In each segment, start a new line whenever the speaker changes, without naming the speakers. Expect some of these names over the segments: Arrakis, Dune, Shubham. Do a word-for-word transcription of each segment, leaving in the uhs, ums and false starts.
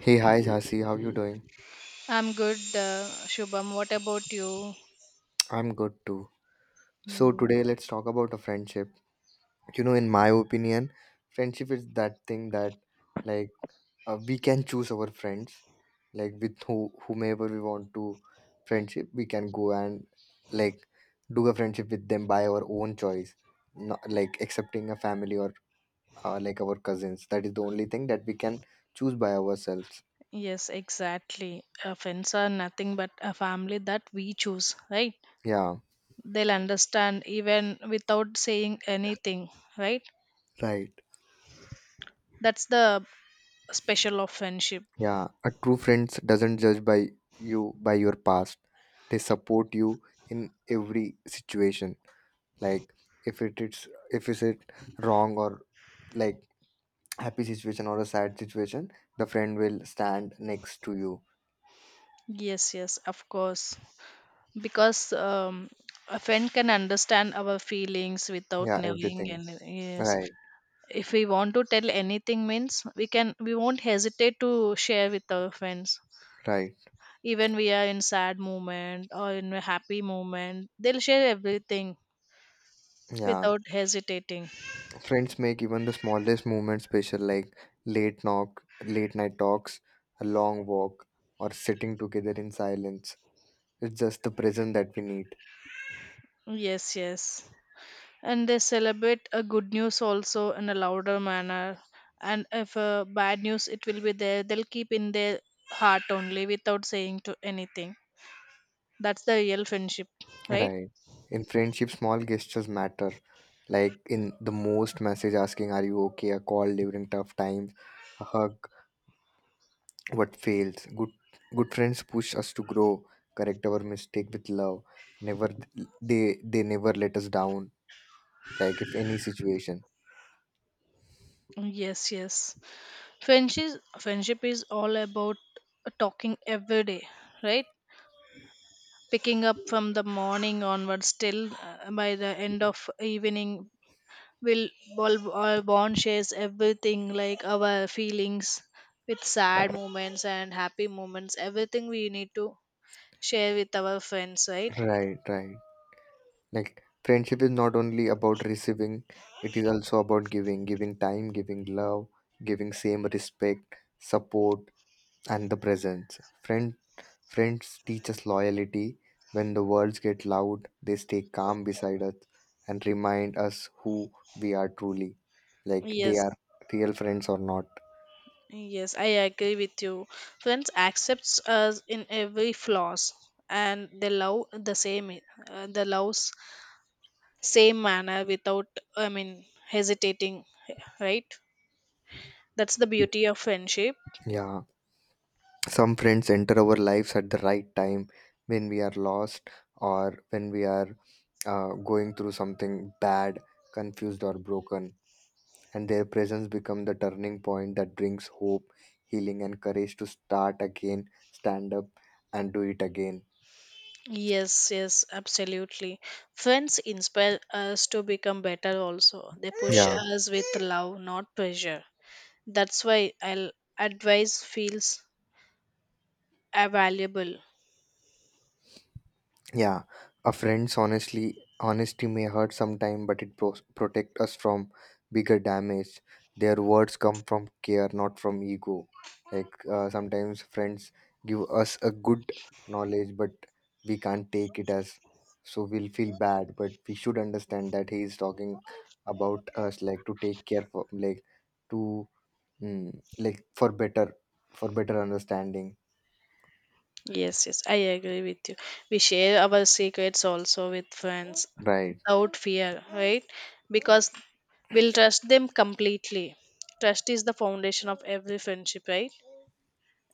Hey, hi, Jhansi. How you doing?
I'm good, uh, Shubham. What about you?
I'm good too. So today let's talk about a friendship. You know, in my opinion, friendship is that thing that, like, uh, we can choose our friends, like with who whomever we want to friendship. We can go and like do a friendship with them by our own choice, not like accepting a family or uh, like our cousins. That is the only thing that we can choose by ourselves.
Yes, exactly. Uh, Friends are nothing but a family that we choose, right?
Yeah,
They'll understand even without saying anything, right?
right.
That's the special of friendship.
Yeah, a true friends doesn't judge by you by your past. They support you in every situation. Like if it is if is it wrong or like happy situation or a sad situation, the friend will stand next to you.
Yes, yes, of course. Because um, a friend can understand our feelings without
Yeah,
knowing,
everything.
and yes,
Right,
if we want to tell anything, means we can we won't hesitate to share with our friends,
right.
even we are in sad moment or in a happy moment, they'll share everything
Yeah.
without hesitating.
Friends make even the smallest movement special like late knock, late night talks, a long walk, or sitting together in silence. It's just the present that we need.
Yes, yes, and they celebrate a good news also in a louder manner, and if a bad news it will be there, they'll keep in their heart only without saying to anything. That's the real friendship, right?
Right. In friendship, small gestures matter. Like in the most message asking, "Are you okay?" A call during tough times, a hug. What fails? Good, good friends push us to grow, correct our mistake with love. Never, they they never let us down. Like if any situation.
Yes, yes. Friendship friendship is all about talking every day, right? Picking up from the morning onwards till uh, by the end of evening, will all, all bond shares everything like our feelings, with sad moments and happy moments, everything we need to share with our friends, right?
Right, right. Like friendship is not only about receiving; it is also about giving, giving time, giving love, giving same respect, support, and the presence. Friend Friends teach us loyalty. When the words get loud, they stay calm beside us and remind us who we are truly. Like they are
Yes,
real friends or not.
yes, I agree with you. Friends accepts us in every flaws, and they love the same. Uh, they loves same manner without, i mean hesitating, right? That's the beauty of friendship.
Yeah. Some friends enter our lives at the right time when we are lost or when we are uh, going through something bad, confused, or broken. And their presence becomes the turning point that brings hope, healing, and courage to start again, stand up, and do it again.
Yes, yes, absolutely. Friends inspire us to become better also. They push
Yeah.
us with love, not pressure. That's why I'll advice feels uh, valuable.
Yeah, a friend's honestly honesty may hurt sometime, but it pro- protect us from bigger damage. Their words come from care, not from ego. Like uh, sometimes friends give us a good knowledge, but we can't take it as so we'll feel bad. But we should understand that he is talking about us, like to take care for, like to mm, like for better for better understanding.
Yes, yes, I agree with you. We share our secrets also with friends
Right.
without fear, right? Because we'll trust them completely. Trust is the foundation of every friendship, right?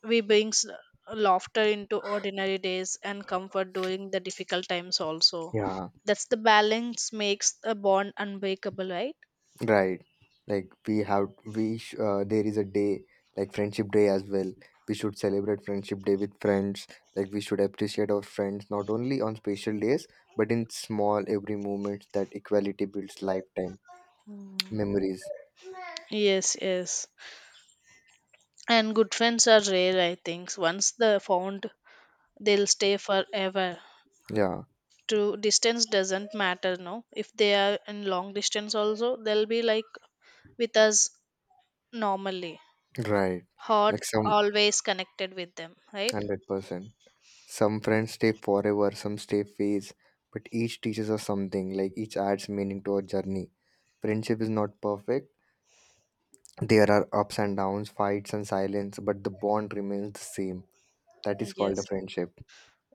We brings laughter into ordinary days and comfort during the difficult times also.
Yeah.
That's the balance makes a bond unbreakable, right?
Right. Like we have we sh- uh, there is a day like friendship day as well. We should celebrate friendship day with friends. Like we should appreciate our friends not only on special days but in small every moment that equality builds lifetime memories.
Yes, yes. And good friends are rare, I think. Once they're found, they'll stay forever.
Yeah.
To distance doesn't matter, no. If they are in long distance also, they'll be like with us normally.
Right.
Heart
Like some
always connected with them, right?
one hundred percent. Some friends stay forever, some stay phase, but each teaches us something. Like each adds meaning to our journey. Friendship is not perfect. There are ups and downs, fights and silence, but the bond remains the same. That is called a
Yes.
friendship.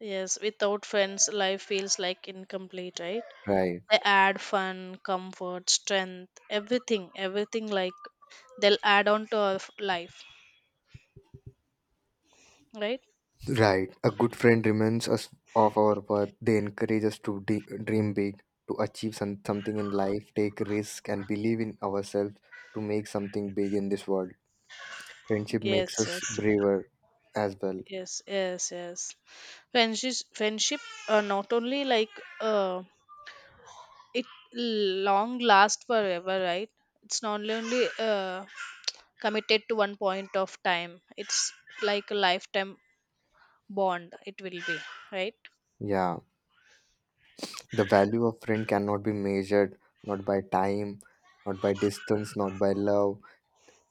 Yes, without friends, life feels like incomplete, right?
Right.
They add fun, comfort, strength, everything, everything, like they'll add on to our f- life, right?
Right. A good friend reminds us of our worth. They encourage us to de- dream big, to achieve some- something in life, take risk, and believe in ourselves to make something big in this world. Friendship
Yes,
makes us
yes,
braver as well.
yes, yes, yes. Friendship, friendship, uh, not only like uh, it long last forever, right? It's not only uh, committed to one point of time. It's like a lifetime bond. It will be, right?
Yeah. The value of friend cannot be measured not by time, not by distance, not by love,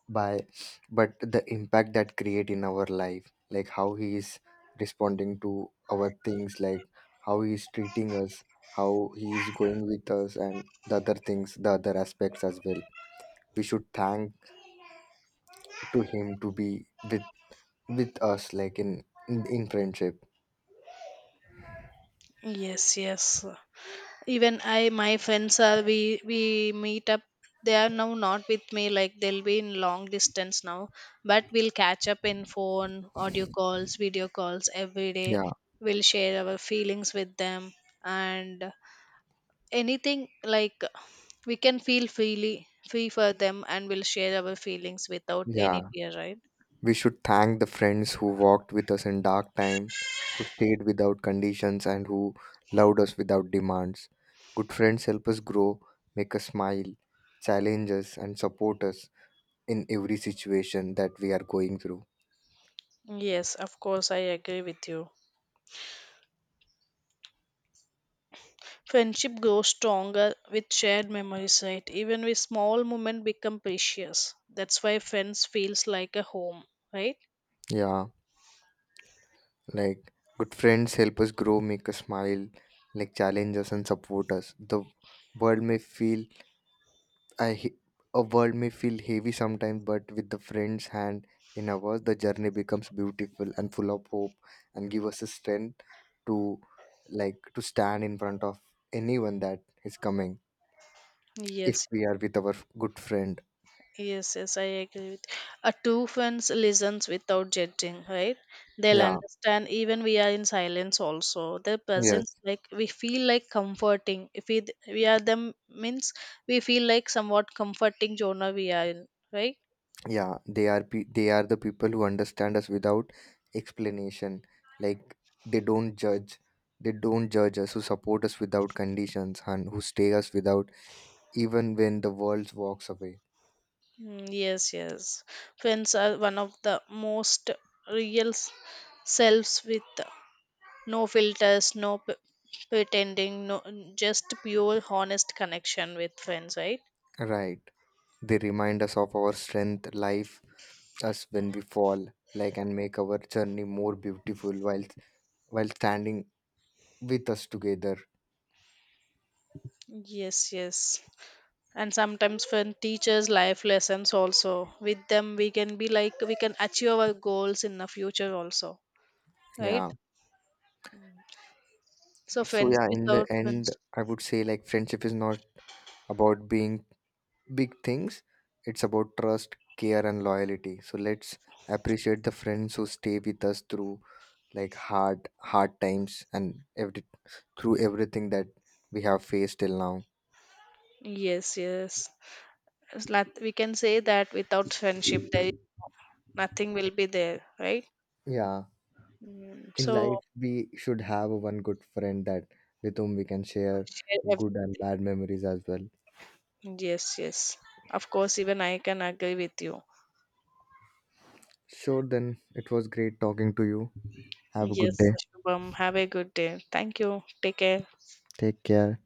by but the impact that create in our life, like how he is responding to our things, like how he is treating us, how he is going with us, and the other things, the other aspects as well. We should thank to him to be with with us like in in, in friendship.
Yes, yes. Even I, my friends are, we we meet up, they are now not with me, like they'll be in long distance now, but we'll catch up in phone, audio calls, video calls every day.
Yeah,
We'll share our feelings with them, and anything, like we can feel freely free for them, and we'll share our feelings without any
yeah.
fear, right?
We should thank the friends who walked with us in dark times, who stayed without conditions, and who loved us without demands. Good friends help us grow, make us smile, challenge us, and support us in every situation that we are going through.
Yes, of course, I agree with you. Friendship grows stronger with shared memories, right? Even with small moments become precious. That's why friends feels like a home, right?
Yeah, like good friends help us grow, make us smile, like challenge us, and support us. The world may feel I he- a world may feel heavy sometimes, but with the friend's hand in ours, the journey becomes beautiful and full of hope, and give us a strength to like to stand in front of anyone that is coming.
Yes,
If we are with our good friend,
yes, yes, I agree with a two friends listens without judging, right? They'll
yeah,
understand even we are in silence also. Their presence,
yes,
like we feel like comforting. If we we are them means, we feel like somewhat comforting genre we are in, right?
yeah, they are pe- they are the people who understand us without explanation. Like they don't judge, they don't judge us, who support us without conditions, and who stay us without, even when the world walks away.
Mm, yes, yes. Friends are one of the most real s- selves with no filters, no p- pretending, no, just pure honest connection with friends, right?
Right. They remind us of our strength, life, us when we fall, like and make our journey more beautiful while while standing with us together.
Yes, yes. And sometimes friend teaches life lessons also. With them we can be like we can achieve our goals in the future also, right?
Yeah.
So
So
friends
yeah, in the
without
end,
friends.
I would say like friendship is not about being big things. It's about trust, care, and loyalty. So let's appreciate the friends who stay with us through like hard hard times and every through everything that we have faced till now.
Yes, yes. It's not. We can say that without friendship there is nothing will be there, right?
Yeah.
Mm,
In life
so
we should have one good friend that with whom we can share
share ev-
good and bad memories as well.
yes, yes. Of course, even I can agree with you.
Sure, then it was great talking to you. Have a good
Yes,
day.
Shubham. Have a good day. Thank you. Take care.
Take care.